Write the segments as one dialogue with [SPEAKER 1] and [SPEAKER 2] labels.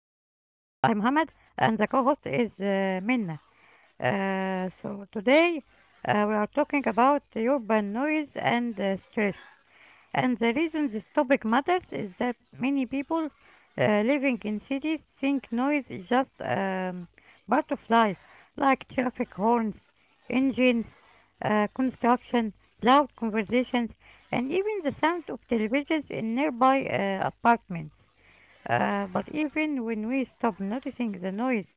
[SPEAKER 1] Mohammed, and the co host is Minna. Today we are talking about the urban noise and stress. And the reason this topic matters is that many people living in cities think noise is just part of life, like traffic horns, engines, construction, loud conversations and even the sound of televisions in nearby apartments. But even when we stop noticing the noise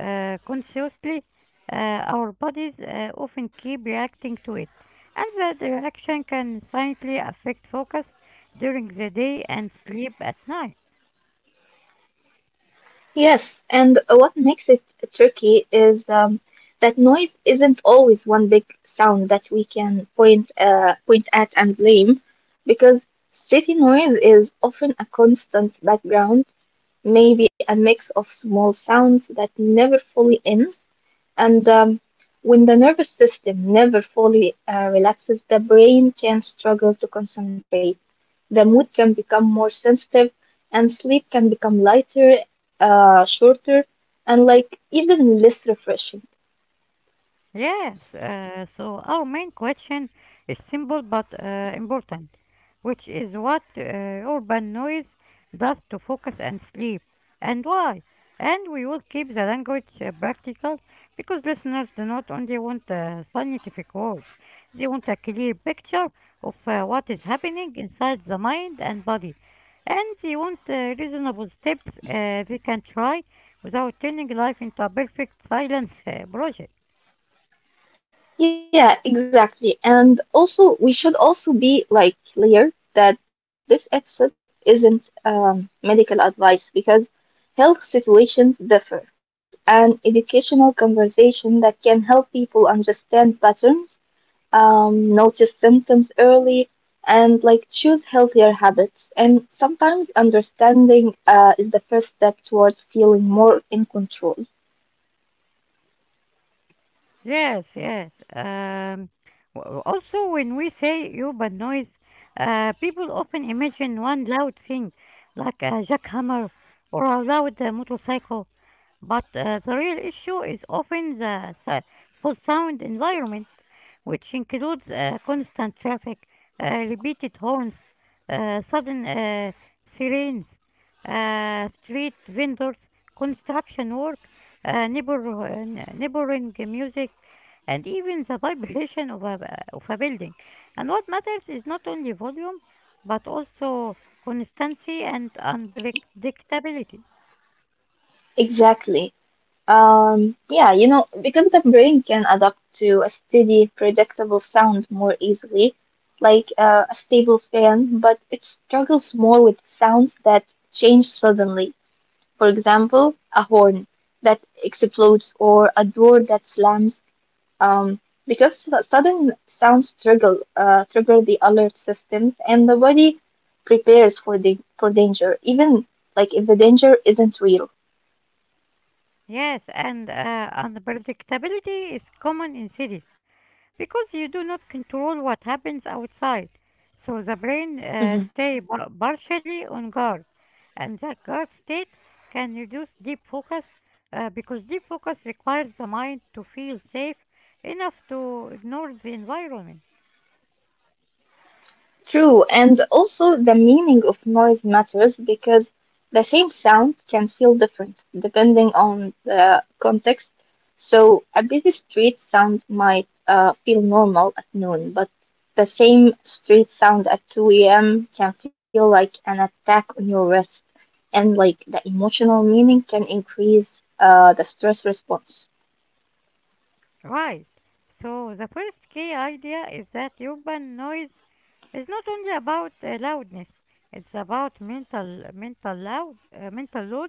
[SPEAKER 1] consciously, our bodies often keep reacting to it, and that reaction can silently affect focus during the day and sleep at night.
[SPEAKER 2] Yes, and what makes it tricky is that noise isn't always one big sound that we can point at and blame, because city noise is often a constant background, maybe a mix of small sounds that never fully ends, and when the nervous system never fully relaxes, the brain can struggle to concentrate. The mood can become more sensitive, and sleep can become lighter, shorter, and like even less refreshing.
[SPEAKER 1] Yes, so our main question is simple but important, which is what urban noise does to focus and sleep, and why. And we will keep the language practical because listeners do not only want scientific words, they want a clear picture of what is happening inside the mind and body. And they want reasonable steps they can try without turning life into a perfect silence project.
[SPEAKER 2] Yeah, exactly. And also, we should also be like clear that this episode isn't medical advice because health situations differ, but it's an educational conversation that can help people understand patterns, notice symptoms early, and like choose healthier habits. And sometimes understanding is the first step towards feeling more in control.
[SPEAKER 1] Yes, yes. Also, when we say urban noise, people often imagine one loud thing, like a jackhammer or a loud motorcycle. But the real issue is often the full sound environment, which includes constant traffic, repeated horns, sudden sirens, street vendors, construction work, uh, neighbor, uh, neighboring music, and even the vibration of a building. And what matters is not only volume, but also constancy and unpredictability.
[SPEAKER 2] Exactly. Yeah, you know, because the brain can adapt to a steady, predictable sound more easily, like a stable fan, but it struggles more with sounds that change suddenly. For example, a horn that explodes or a door that slams. Um, because sudden sounds trigger the alert systems, and the body prepares for the for danger, even like if the danger isn't real.
[SPEAKER 1] Yes, and unpredictability is common in cities because you do not control what happens outside. So the brain partially on guard, and that guard state can reduce deep focus because deep focus requires the mind to feel safe enough to ignore the environment.
[SPEAKER 2] True, and also the meaning of noise matters because the same sound can feel different depending on the context. So, a busy street sound might feel normal at noon, but the same street sound at 2 a.m. can feel like an attack on your rest, and like the emotional meaning can increase the stress response.
[SPEAKER 1] Right. So the first key idea is that urban noise is not only about loudness, it's about mental load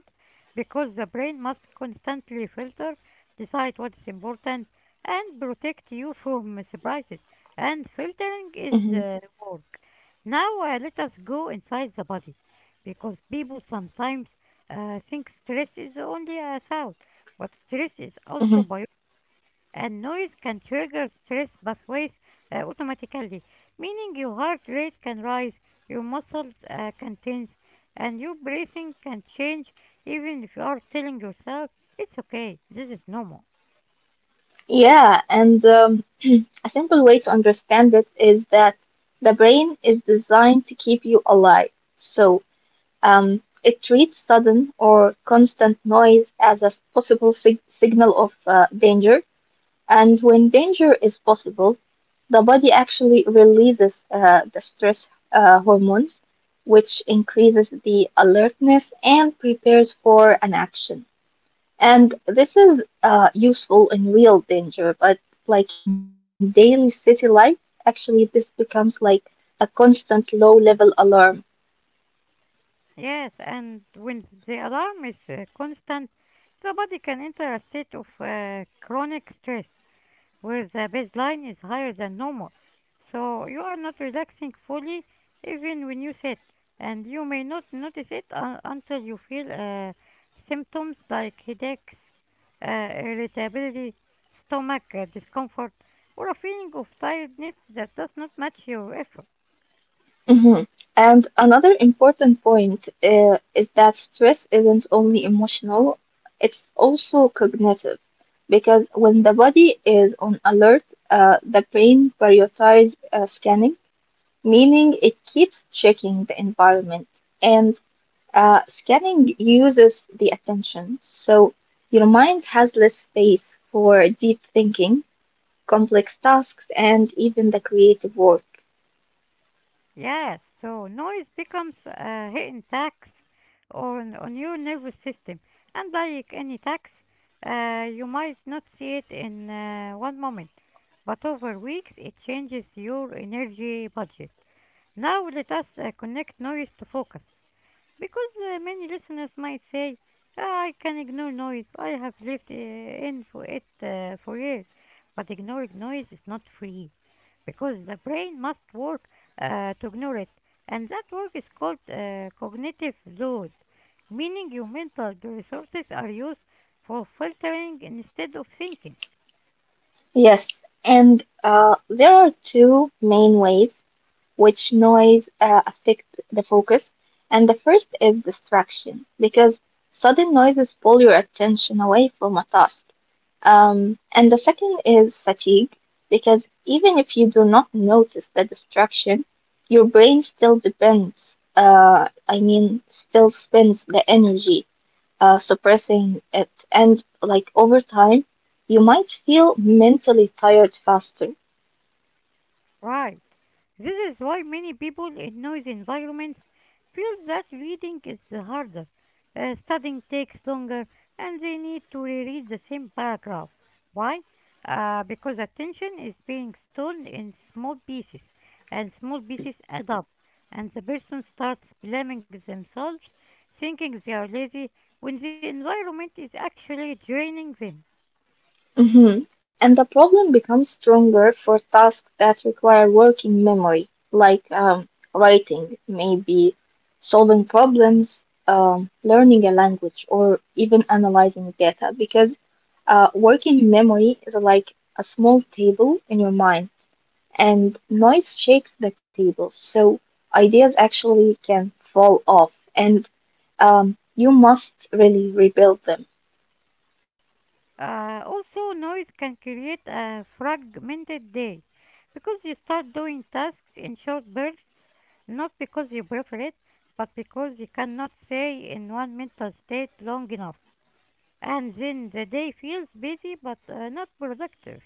[SPEAKER 1] because the brain must constantly filter, decide what is important and protect you from surprises. And filtering is
[SPEAKER 2] Mm-hmm.
[SPEAKER 1] work. Now let us go inside the body because people sometimes think stress is only a sound, but stress is
[SPEAKER 2] Mm-hmm.
[SPEAKER 1] also biology, and noise can trigger stress pathways automatically, meaning your heart rate can rise, your muscles can tense, and your breathing can change even if you are telling yourself, it's okay, this is normal.
[SPEAKER 2] Yeah, and a simple way to understand it is that the brain is designed to keep you alive. So, it treats sudden or constant noise as a possible signal of danger. And when danger is possible, the body actually releases the stress hormones, which increases the alertness and prepares for an action. And this is useful in real danger, but like in daily city life, actually, this becomes like a constant low level alarm.
[SPEAKER 1] Yes, and when the alarm is constant, the body can enter a state of chronic stress, where the baseline is higher than normal. So you are not relaxing fully even when you sit, and you may not notice until you feel symptoms like headaches, irritability, stomach discomfort, or a feeling of tiredness that does not match your effort.
[SPEAKER 2] Mhm. And another important point is that stress isn't only emotional, it's also cognitive. Because when the body is on alert, the brain prioritizes scanning, meaning it keeps checking the environment. And scanning uses the attention, so your mind has less space for deep thinking, complex tasks, and even the creative work.
[SPEAKER 1] Yes, so noise becomes a hidden tax on your nervous system. And like any tax, you might not see it in one moment, but over weeks it changes your energy budget. Now let us connect noise to focus. Because many listeners might say, "Ah, I can ignore noise. I have lived in for it for years." But ignoring noise is not free because the brain must work to ignore it. And that work is called cognitive load, meaning your mental resources are used for filtering instead of thinking.
[SPEAKER 2] Yes, and there are two main ways which noise affect the focus, and the first is distraction, because sudden noises pull your attention away from a task. And the second is fatigue, because even if you do not notice the distraction, your brain still depends, I mean, still spends the energy suppressing it. And like over time, you might feel mentally tired faster.
[SPEAKER 1] Right. This is why many people in noisy environments feel that reading is harder, studying takes longer, and they need to reread the same paragraph. Why? Because attention is being stored in small pieces, and small pieces add up, and the person starts blaming themselves, thinking they are lazy when the environment is actually draining them.
[SPEAKER 2] Mhm. And the problem becomes stronger for tasks that require working memory, like writing, maybe solving problems, learning a language, or even analyzing data, because working memory is like a small table in your mind, and noise shakes the table, so ideas actually can fall off, and you must really rebuild them.
[SPEAKER 1] Also, noise can create a fragmented day because you start doing tasks in short bursts, not because you prefer it, but because you cannot stay in one mental state long enough. And then the day feels busy but not productive.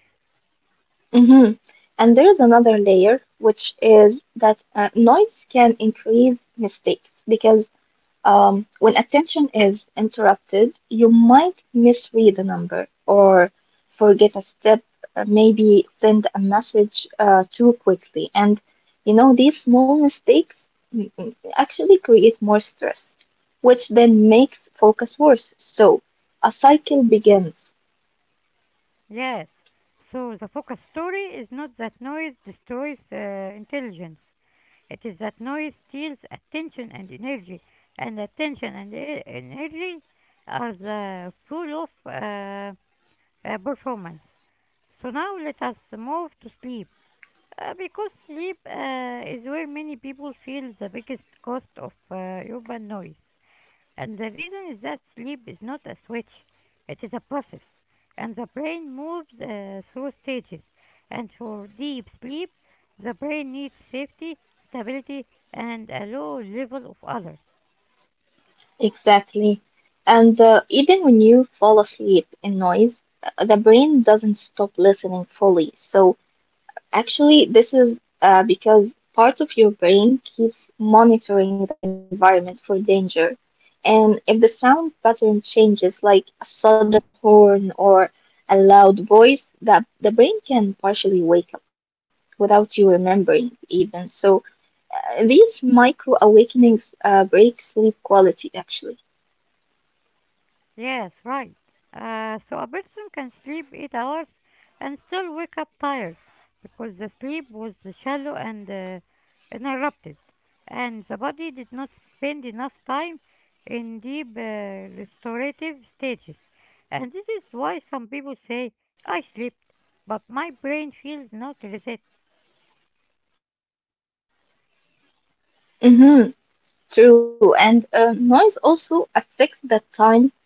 [SPEAKER 2] hmm And there's another layer, which is that noise can increase mistakes because when attention is interrupted, you might misread a number or forget a step, maybe send a message too quickly. And you know, these small mistakes actually create more stress, which then makes focus worse. So a cycle begins.
[SPEAKER 1] Yes, so the focus story is not that noise destroys intelligence. It is that noise steals attention and energy, and attention and energy are the fuel of performance. So now let us move to sleep, because sleep is where many people feel the biggest cost of urban noise. And the reason is that sleep is not a switch, it is a process. And the brain moves through stages. And for deep sleep, the brain needs safety, stability, and a low level of other.
[SPEAKER 2] Exactly. And even when you fall asleep in noise, the brain doesn't stop listening fully. So, actually, this is because part of your brain keeps monitoring the environment for danger. And if the sound pattern changes, like a sudden horn or a loud voice, that the brain can partially wake up without you remembering even. So, these micro awakenings break sleep quality actually.
[SPEAKER 1] Yes, right. So a person can sleep 8 hours and still wake up tired because the sleep was shallow and interrupted, and the body did not spend enough time in deep restorative stages. And this is why some people say, "I slept, but my brain feels not reset."
[SPEAKER 2] Mm-hmm. True, and noise also affects the time it takes to fall asleep because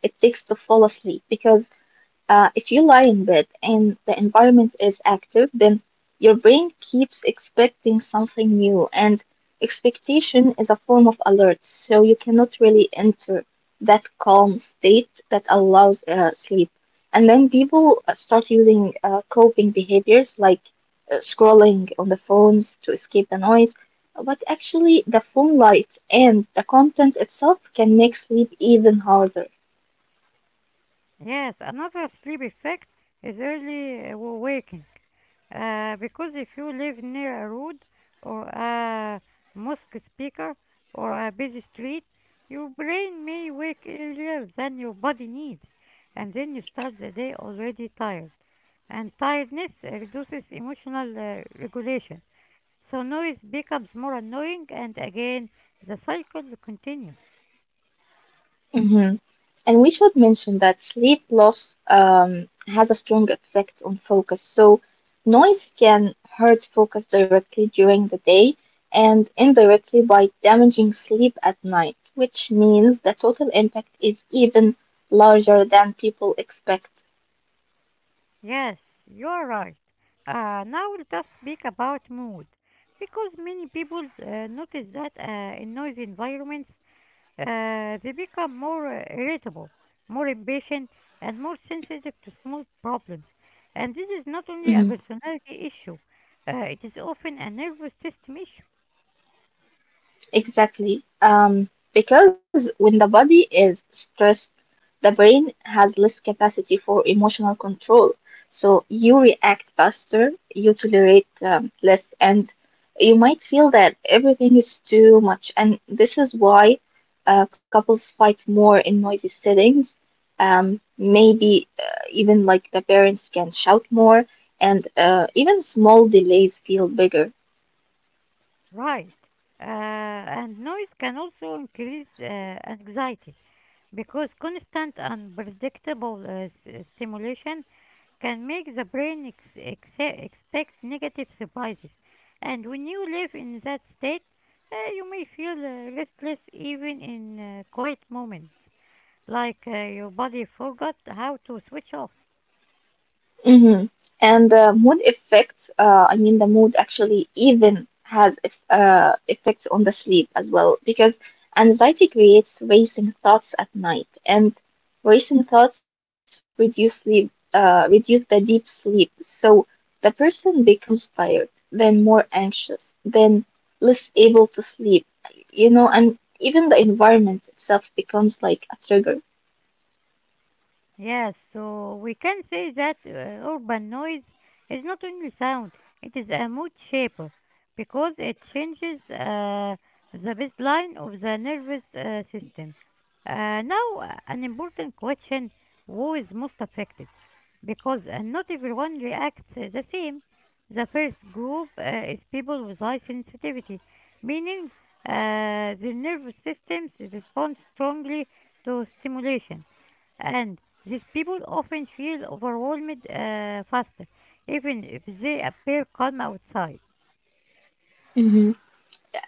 [SPEAKER 2] if you lie in bed and the environment is active, then your brain keeps expecting something new, and expectation is a form of alert, so you cannot really enter that calm state that allows sleep. And then people start using coping behaviors like scrolling on the phones to escape the noise, but actually, the phone light and the content itself can make sleep even harder.
[SPEAKER 1] Yes, another sleep effect is early waking. Because if you live near a road or a mosque speaker or a busy street, your brain may wake earlier than your body needs, and then you start the day already tired. And tiredness reduces emotional regulation, so noise becomes more annoying, and again, the cycle continues.
[SPEAKER 2] Mhm. And we should mention that sleep loss um, has a strong effect on focus. So, noise can hurt focus directly during the day and indirectly by damaging sleep at night, which means the total impact is even larger than people expect.
[SPEAKER 1] Yes, you're right. Now let us speak about mood, because many people notice that in noisy environments they become more irritable, more impatient, and more sensitive to small problems. And this is not only a personality issue; it is often a nervous system issue.
[SPEAKER 2] Exactly. Because when the body is stressed, the brain has less capacity for emotional control. So you react faster, you tolerate less, and you might feel that everything is too much. And this is why couples fight more in noisy settings. Maybe even like the parents can shout more, and even small delays feel bigger.
[SPEAKER 1] Right. And noise can also increase anxiety because constant unpredictable stimulation can make the brain expect negative surprises. And when you live in that state, you may feel restless even in quiet moments, like your body forgot how to switch off.
[SPEAKER 2] hmm And the mood effect, I mean, the mood actually even has effects on the sleep as well, because anxiety creates racing thoughts at night, and racing thoughts reduce sleep, reduce the deep sleep. So the person becomes tired, then more anxious, then less able to sleep, you know, and even the environment itself becomes like a trigger.
[SPEAKER 1] Yes, so we can say that urban noise is not only sound, it is a mood shaper because it changes the baseline of the nervous system. Now, an important question: who is most affected? Because not everyone reacts the same. The first group is people with high sensitivity, meaning their nervous systems respond strongly to stimulation, and these people often feel overwhelmed faster, even if they appear calm outside.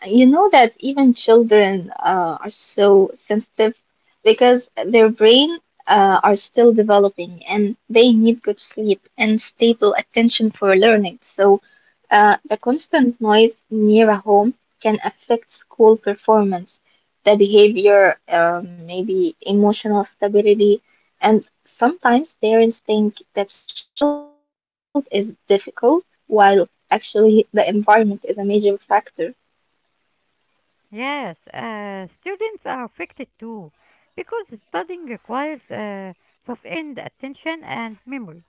[SPEAKER 2] You know that even children are so sensitive because their brain are still developing and they need good sleep and stable attention for learning. So the constant noise near a home can affect school performance, the behavior, maybe emotional stability, and sometimes parents think the child is difficult while actually the environment is a major factor.
[SPEAKER 1] Yes, students are affected too, because studying requires sustained attention and memory.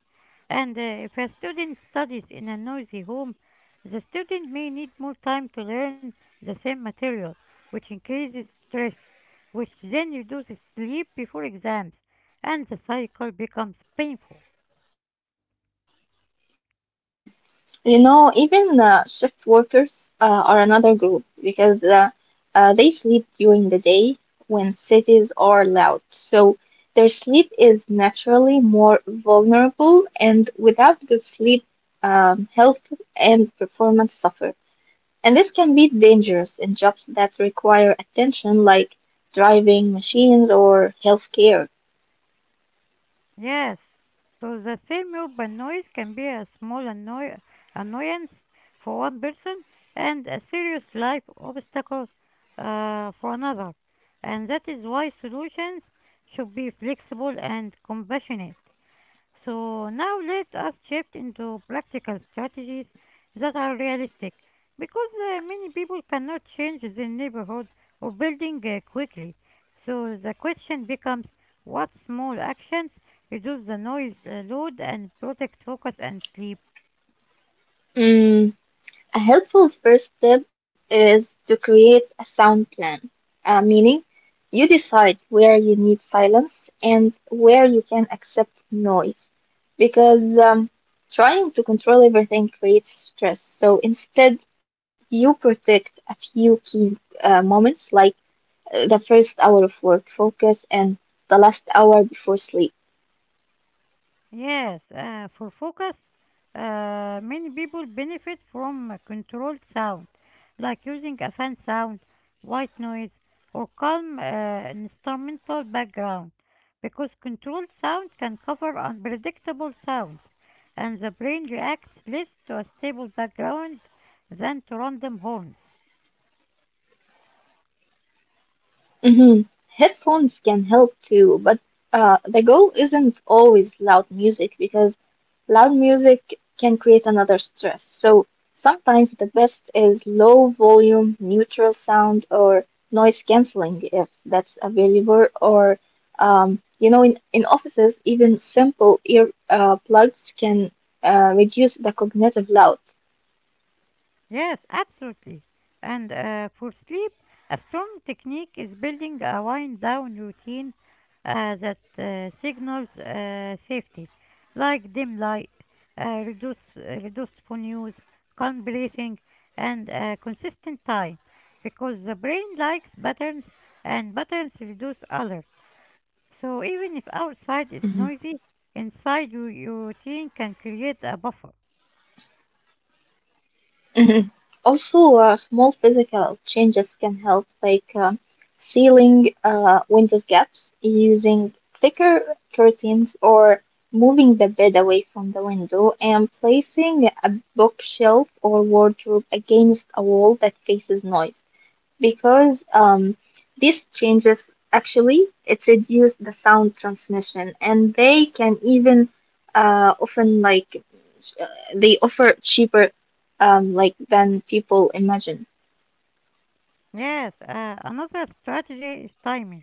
[SPEAKER 1] And if a student studies in a noisy home, the student may need more time to learn the same material, which increases stress, which then reduces sleep before exams, and the cycle becomes painful.
[SPEAKER 2] You know, even shift workers are another group because they sleep during the day when cities are loud. So their sleep is naturally more vulnerable, and without good sleep, health and performance suffer. And this can be dangerous in jobs that require attention, like driving machines or healthcare.
[SPEAKER 1] Yes, so the same urban noise can be a small annoyance for one person and a serious life obstacle for another. And that is why solutions should be flexible and compassionate. So now let us shift into practical strategies that are realistic because many people cannot change their neighborhood or building quickly. So the question becomes: what small actions reduce the noise load and protect focus and sleep?
[SPEAKER 2] Mm. A helpful first step is to create a sound plan, meaning you decide where you need silence and where you can accept noise. Because trying to control everything creates stress. So instead, you protect a few key moments like the first hour of work focus and the last hour before sleep.
[SPEAKER 1] Yes, for focus, many people benefit from a controlled sound, like using a fan sound, white noise, or calm instrumental background, because controlled sound can cover unpredictable sounds, and the brain reacts less to a stable background than to random horns.
[SPEAKER 2] hmm Headphones can help too, but the goal isn't always loud music because loud music can create another stress, so sometimes the best is low volume, neutral sound, or noise cancelling if that's available. Or, you know, in offices, even simple ear plugs can reduce the cognitive load.
[SPEAKER 1] Yes, absolutely. And for sleep, a strong technique is building a wind down routine that signals safety, like dim light, reduced phone use, calm breathing, and consistent time, because the brain likes patterns and patterns reduce alert. So even if outside is noisy, inside your routine can create a buffer.
[SPEAKER 2] Mhm. Also, small physical changes can help, like sealing windows gaps, using thicker curtains, or moving the bed away from the window, and placing a bookshelf or wardrobe against a wall that faces noise. Because these changes actually it reduce the sound transmission, and they can even uh, often like uh, they offer cheaper um than people imagine.
[SPEAKER 1] Yes, another strategy is timing.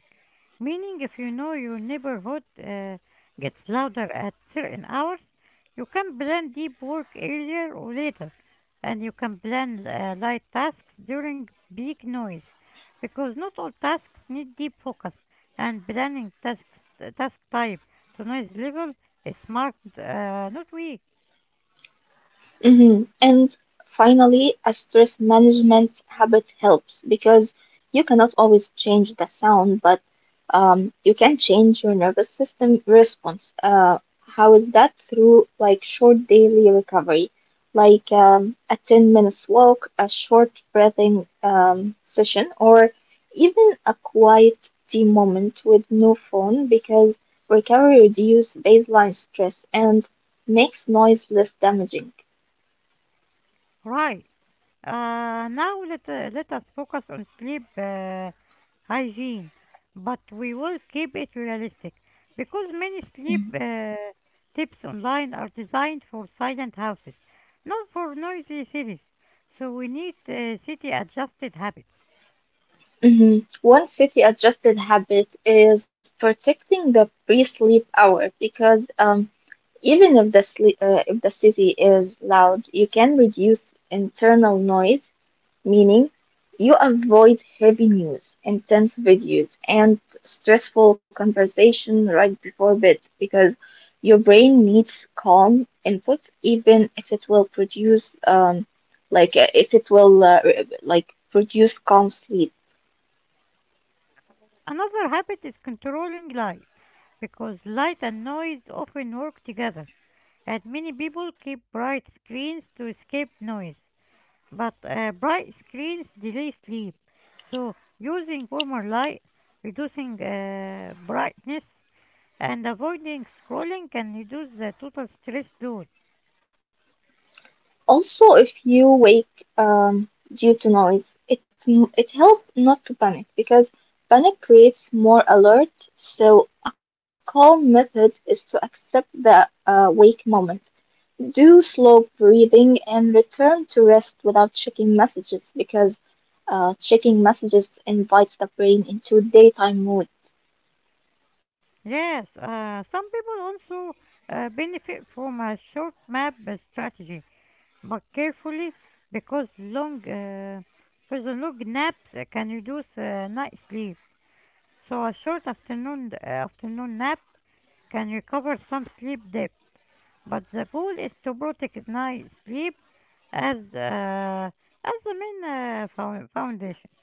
[SPEAKER 1] Meaning, if you know your neighborhood gets louder at certain hours, you can plan deep work earlier or later, and you can plan light tasks during peak noise, because not all tasks need deep focus, and planning tasks, task type to noise level is smart, not weak.
[SPEAKER 2] Mhm. And finally, a stress management habit helps because you cannot always change the sound, but you can change your nervous system response. How is that? Through like short daily recovery, like a 10 minutes walk, a short breathing session, or even a quiet tea moment with no phone because recovery reduces baseline stress and makes noise less damaging.
[SPEAKER 1] Right. Now let us focus on sleep hygiene, but we will keep it realistic because many sleep tips online are designed for silent houses, not for noisy cities. So we need city adjusted habits.
[SPEAKER 2] Mhm. One city adjusted habit is protecting the pre-sleep hour because even if the city is loud, you can reduce internal noise, meaning you avoid heavy news, intense videos, and stressful conversation right before bed because your brain needs calm input, even if it will produce like if it will like produce calm sleep.
[SPEAKER 1] Another habit is controlling light because light and noise often work together, and many people keep bright screens to escape noise. But bright screens delay sleep. So, using warmer light, reducing brightness, and avoiding scrolling can reduce the total stress load.
[SPEAKER 2] Also, if you wake due to noise, it helps not to panic because panic creates more alert. So a calm method is to accept the wake moment, do slow breathing, and return to rest without checking messages because checking messages invites the brain into daytime mode.
[SPEAKER 1] Yes, some people also benefit from a short map strategy, but carefully because long uh, because the long naps can reduce night sleep. So a short afternoon nap can recover some sleep debt. But the goal is to protect night sleep as the main foundation.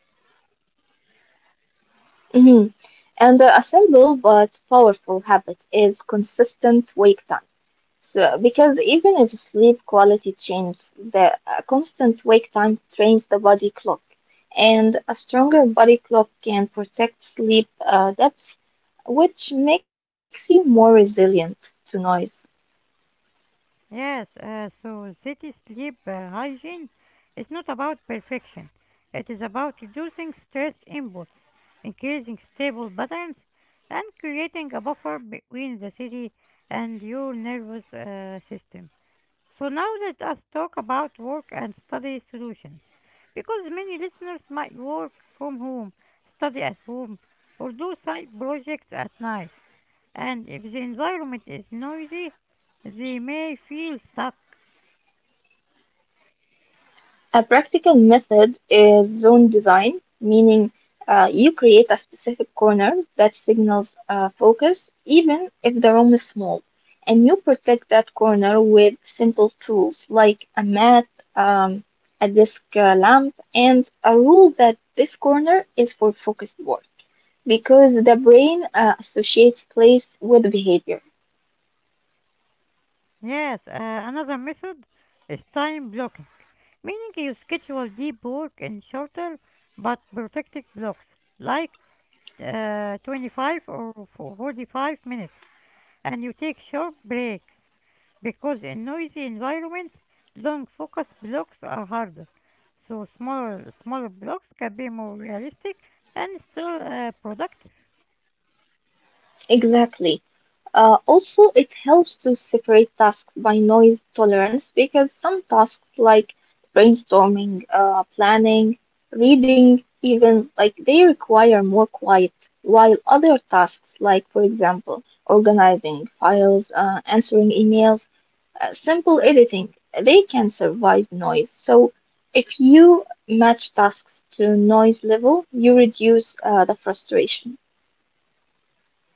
[SPEAKER 2] Mhm. And a simple but powerful habit is consistent wake time. So, because even if sleep quality changes, the constant wake time trains the body clock, and a stronger body clock can protect sleep depth, which makes you more resilient to noise.
[SPEAKER 1] Yes, so city sleep hygiene is not about perfection. It is about reducing stress inputs, increasing stable patterns, and creating a buffer between the city and your nervous system. So now let us talk about work and study solutions because many listeners might work from home, study at home, or do side projects at night. And if the environment is noisy, they may feel stuck.
[SPEAKER 2] A practical method is zone design, meaning you create a specific corner that signals focus even if the room is small. And you protect that corner with simple tools like a mat, um, a desk lamp, and a rule that this corner is for focused work because the brain associates place with behavior.
[SPEAKER 1] Yes, another method is time blocking, meaning you schedule deep work in shorter but protected blocks like 25 or 45 minutes. And you take short breaks because in noisy environments, long focus blocks are harder. So smaller blocks can be more realistic and still productive.
[SPEAKER 2] Exactly. Also, it helps to separate tasks by noise tolerance because some tasks like brainstorming, planning, reading, even like they require more quiet, while other tasks like, for example, organizing files, answering emails, simple editing, they can survive noise. So, if you match tasks to noise level, you reduce the frustration.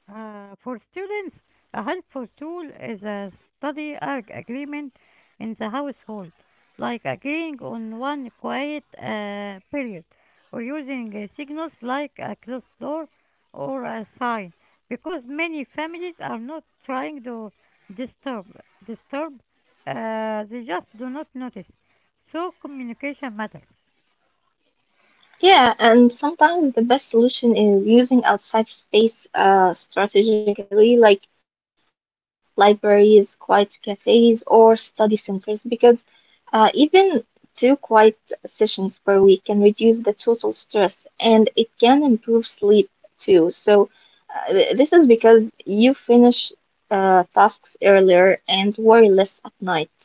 [SPEAKER 1] For students, a helpful tool is a study arg agreement in the household, like agreeing on one quiet period or using signals like a closed door or a sign, because many families are not trying to disturb, disturb, they just do not notice. So communication matters.
[SPEAKER 2] Yeah, and sometimes the best solution is using outside space strategically, like libraries, quiet cafes, or study centers, because even two quiet sessions per week can reduce the total stress and it can improve sleep too. So, this is because you finish tasks earlier and worry less at night.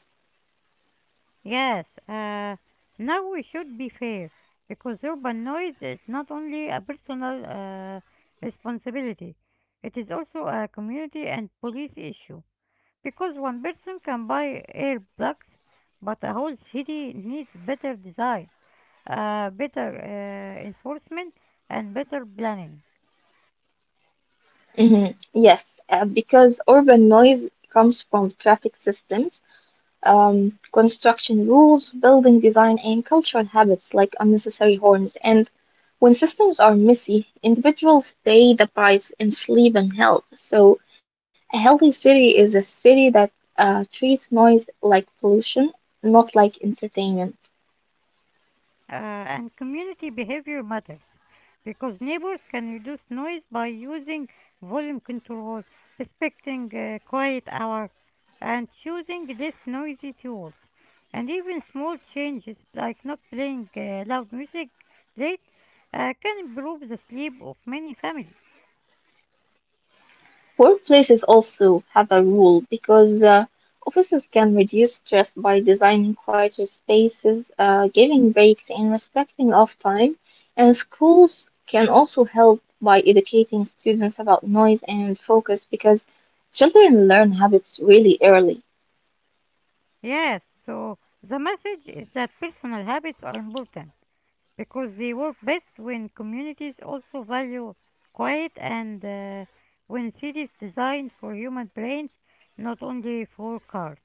[SPEAKER 1] Yes, now we should be fair because urban noise is not only a personal responsibility, it is also a community and police issue. Because one person can buy earplugs, but a whole city needs better design, better enforcement, and better planning.
[SPEAKER 2] Hmm. Yes, because urban noise comes from traffic systems, construction rules, building design, and cultural habits like unnecessary horns. And when systems are messy, individuals pay the price in sleep and health. So, a healthy city is a city that treats noise like pollution, not like entertainment.
[SPEAKER 1] And community behavior matters because neighbors can reduce noise by using volume control, respecting quiet hour, and choosing less noisy tools. And even small changes like not playing loud music late can improve the sleep of many families.
[SPEAKER 2] Workplaces also have a role because offices can reduce stress by designing quieter spaces, giving breaks, and respecting off time. And schools can also help by educating students about noise and focus because children learn habits really early.
[SPEAKER 1] Yes, so the message is that personal habits are important because they work best when communities also value quiet and when cities designed for human brains, not only for cars.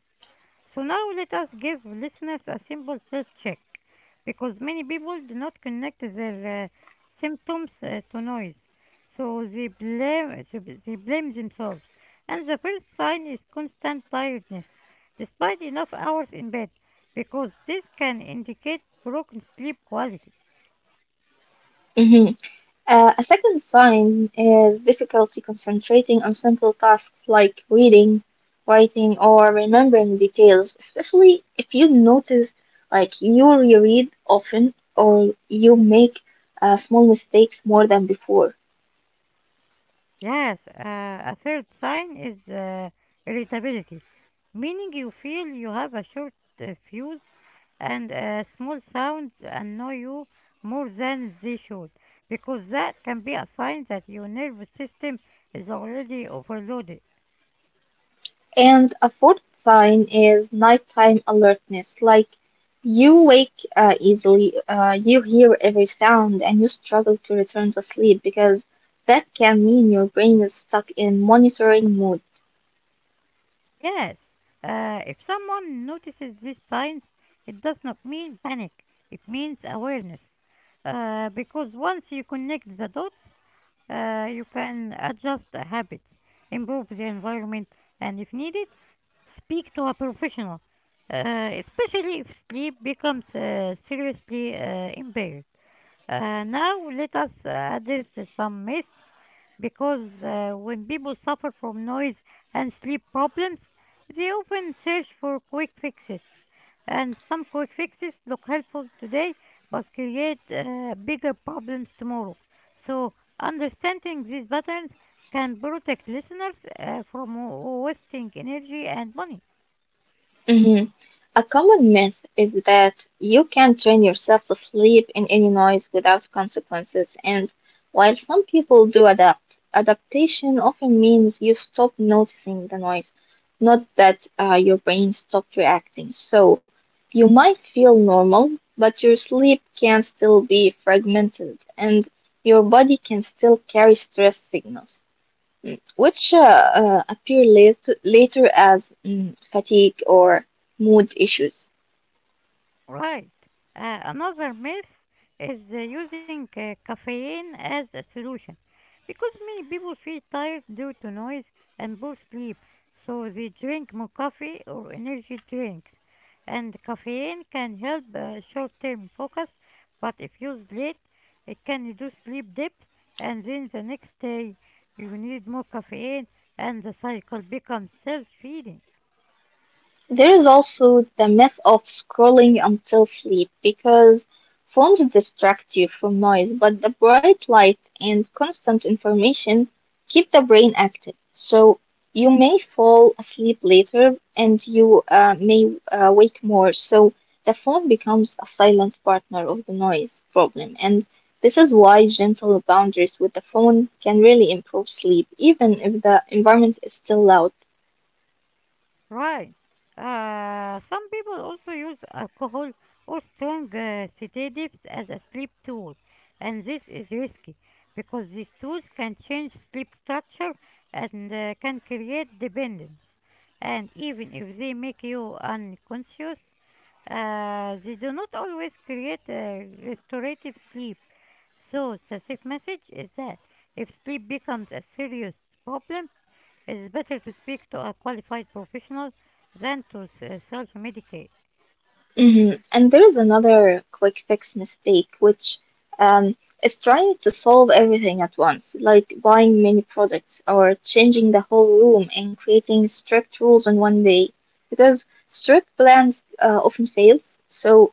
[SPEAKER 1] So now let us give listeners a simple self-check, because many people do not connect their symptoms to noise, so they blame themselves. And the first sign is constant tiredness, despite enough hours in bed, because this can indicate broken sleep quality.
[SPEAKER 2] Mhm. A second sign is difficulty concentrating on simple tasks like reading, writing, or remembering details, especially if you notice like you reread often or you make small mistakes more than before.
[SPEAKER 1] Yes, a third sign is irritability, meaning you feel you have a short fuse and small sounds annoy you more than they should, because that can be a sign that your nervous system is already overloaded.
[SPEAKER 2] And a fourth sign is nighttime alertness, like you wake easily, you hear every sound, and you struggle to return to sleep because that can mean your brain is stuck in monitoring mode.
[SPEAKER 1] Yes, if someone notices these signs, it does not mean panic, it means awareness. Because once you connect the dots, you can adjust the habits, improve the environment, and if needed, speak to a professional, especially if sleep becomes seriously impaired. Now, let us address some myths because when people suffer from noise and sleep problems, they often search for quick fixes, and some quick fixes look helpful today but create bigger problems tomorrow. So, understanding these patterns can protect listeners from wasting energy and money.
[SPEAKER 2] Mhm. A common myth is that you can train yourself to sleep in any noise without consequences, and while some people do adapt, adaptation often means you stop noticing the noise, not that your brain stopped reacting. So you might feel normal, but your sleep can still be fragmented, and your body can still carry stress signals, which appear later as fatigue or mood issues.
[SPEAKER 1] Right. Another myth is using caffeine as a solution because many people feel tired due to noise and poor sleep, so they drink more coffee or energy drinks. And caffeine can help short term focus, but if used late, it can reduce sleep depth, and then the next day you need more caffeine, and the cycle becomes self feeding.
[SPEAKER 2] There is also the myth of scrolling until sleep because phones distract you from noise, but the bright light and constant information keep the brain active. So you may fall asleep later and you may wake more. So the phone becomes a silent partner of the noise problem. And this is why gentle boundaries with the phone can really improve sleep, even if the environment is still loud.
[SPEAKER 1] Right. Some people also use alcohol or strong sedatives as a sleep tool, and this is risky because these tools can change sleep structure and can create dependence. And even if they make you unconscious, they do not always create a restorative sleep. So, the safe message is that if sleep becomes a serious problem, it is better to speak to a qualified professional than to self-medicate.
[SPEAKER 2] Mhm. And there is another quick fix mistake, which um, is trying to solve everything at once, like buying many products or changing the whole room and creating strict rules in one day. Because strict plans often fails, so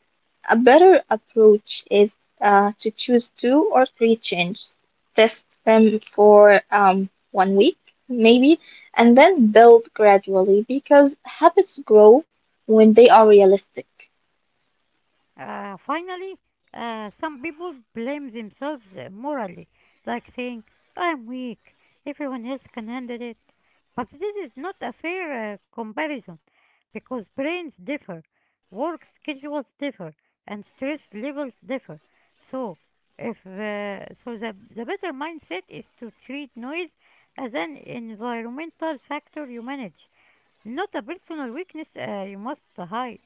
[SPEAKER 2] a better approach is to choose two or three changes, test them for one week maybe, and then build gradually because habits grow when they are realistic.
[SPEAKER 1] Finally, some people blame themselves morally, like saying, I'm weak, everyone else can handle it. But this is not a fair comparison because brains differ, work schedules differ, and stress levels differ. So, if so, the better mindset is to treat noise as an environmental factor you manage, not a personal weakness you must hide.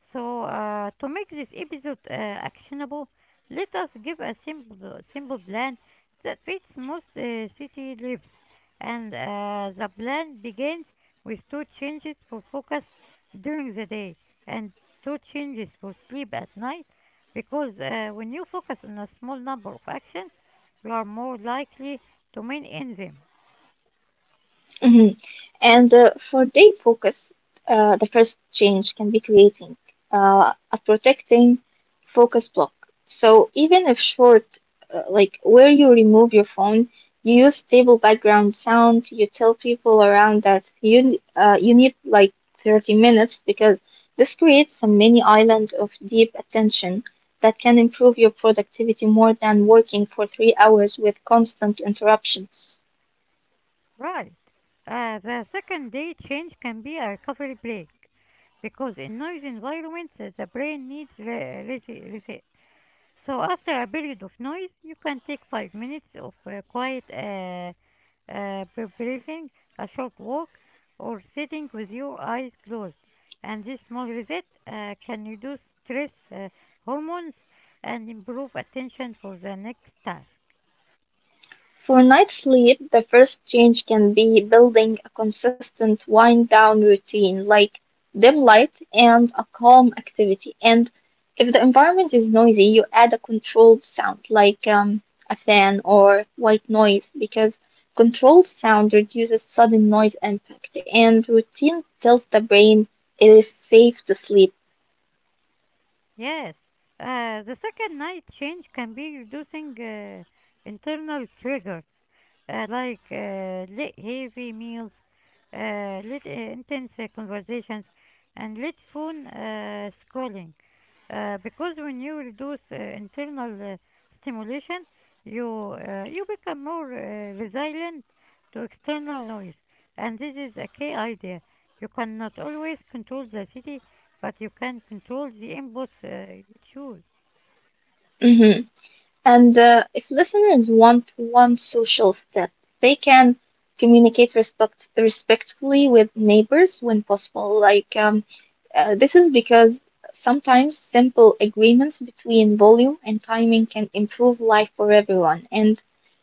[SPEAKER 1] So, to make this episode actionable, let us give a simple plan that fits most city lives. And the plan begins with two changes for focus during the day and two changes for sleep at night. Because when you focus on a small number of actions, you are more likely to maintain them.
[SPEAKER 2] Mhm. And for day focus, the first change can be creating a protecting focus block. So even if short, like where you remove your phone, you use stable background sound. You tell people around that you need like 30 minutes because this creates a mini island of deep attention that can improve your productivity more than working for 3 hours with constant interruptions.
[SPEAKER 1] Right. The second day change can be a recovery break because in noise environments the brain needs reset. So after a period of noise, you can take 5 minutes of quiet breathing, a short walk, or sitting with your eyes closed. And this small reset can reduce stress hormones and improve attention for the next task.
[SPEAKER 2] For night sleep, the first change can be building a consistent wind down routine like dim light and a calm activity. And if the environment is noisy, you add a controlled sound like a fan or white noise because controlled sound reduces sudden noise impact and routine tells the brain it is safe to sleep.
[SPEAKER 1] Yes, the second night change can be reducing internal triggers like late heavy meals, late intense conversations, and late phone scrolling because when you reduce internal stimulation, you you become more resilient to external noise, and this is a key idea. You cannot always control the city, but you can control the inputs you choose.
[SPEAKER 2] Mhm. And if listeners want one social step, they can communicate respectfully with neighbors when possible. This is because sometimes simple agreements between volume and timing can improve life for everyone. And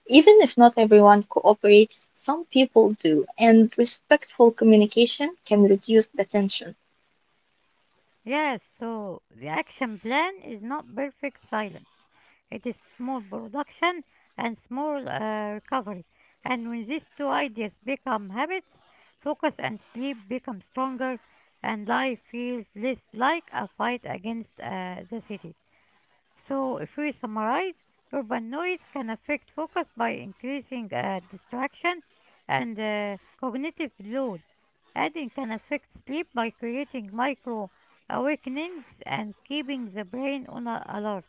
[SPEAKER 2] even if not everyone cooperates, some people do. And respectful communication can reduce the tension.
[SPEAKER 1] Yes, so the action plan is not perfect silence. It is small production and small recovery. And when these two ideas become habits, focus and sleep become stronger, and life feels less like a fight against the city. So, if we summarize, urban noise can affect focus by increasing distraction and cognitive load. Adding can affect sleep by creating micro awakenings and keeping the brain on alert.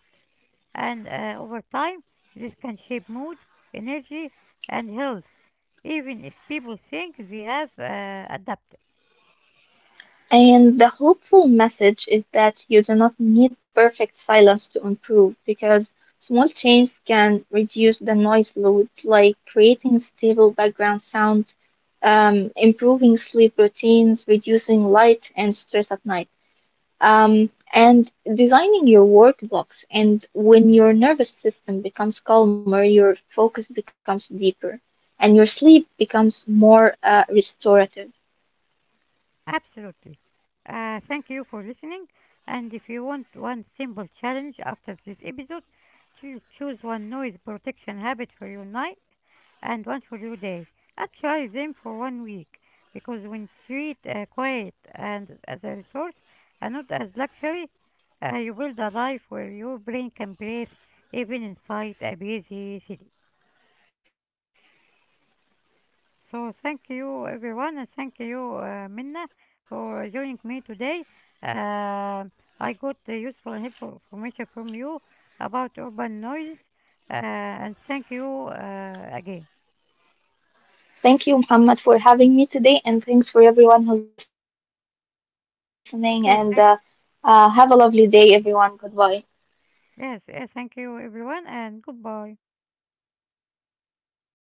[SPEAKER 1] And over time, this can shape mood, energy, and health, even if people think they have adapted.
[SPEAKER 2] And the hopeful message is that you do not need perfect silence to improve because small change can reduce the noise load, like creating stable background sound, improving sleep routines, reducing light and stress at night, and designing your work blocks. And when your nervous system becomes calmer, your focus becomes deeper and your sleep becomes more restorative.
[SPEAKER 1] Absolutely. Thank you for listening. And if you want one simple challenge after this episode, choose one noise protection habit for your night and one for your day. And try them for 1 week because when treat quiet and as a resource and not as luxury, you build a life where your brain can breathe even inside a busy city. So thank you everyone and thank you Minna for joining me today. Uh, I got the useful and helpful information from you about urban noise and thank you again.
[SPEAKER 2] Thank you, Muhammad, for having me today, and thanks for everyone who's listening. And have a
[SPEAKER 1] Okay,
[SPEAKER 2] lovely
[SPEAKER 1] thank
[SPEAKER 2] day, everyone. Goodbye.
[SPEAKER 1] yes, Thank you
[SPEAKER 2] Goodbye.
[SPEAKER 1] everyone and goodbye.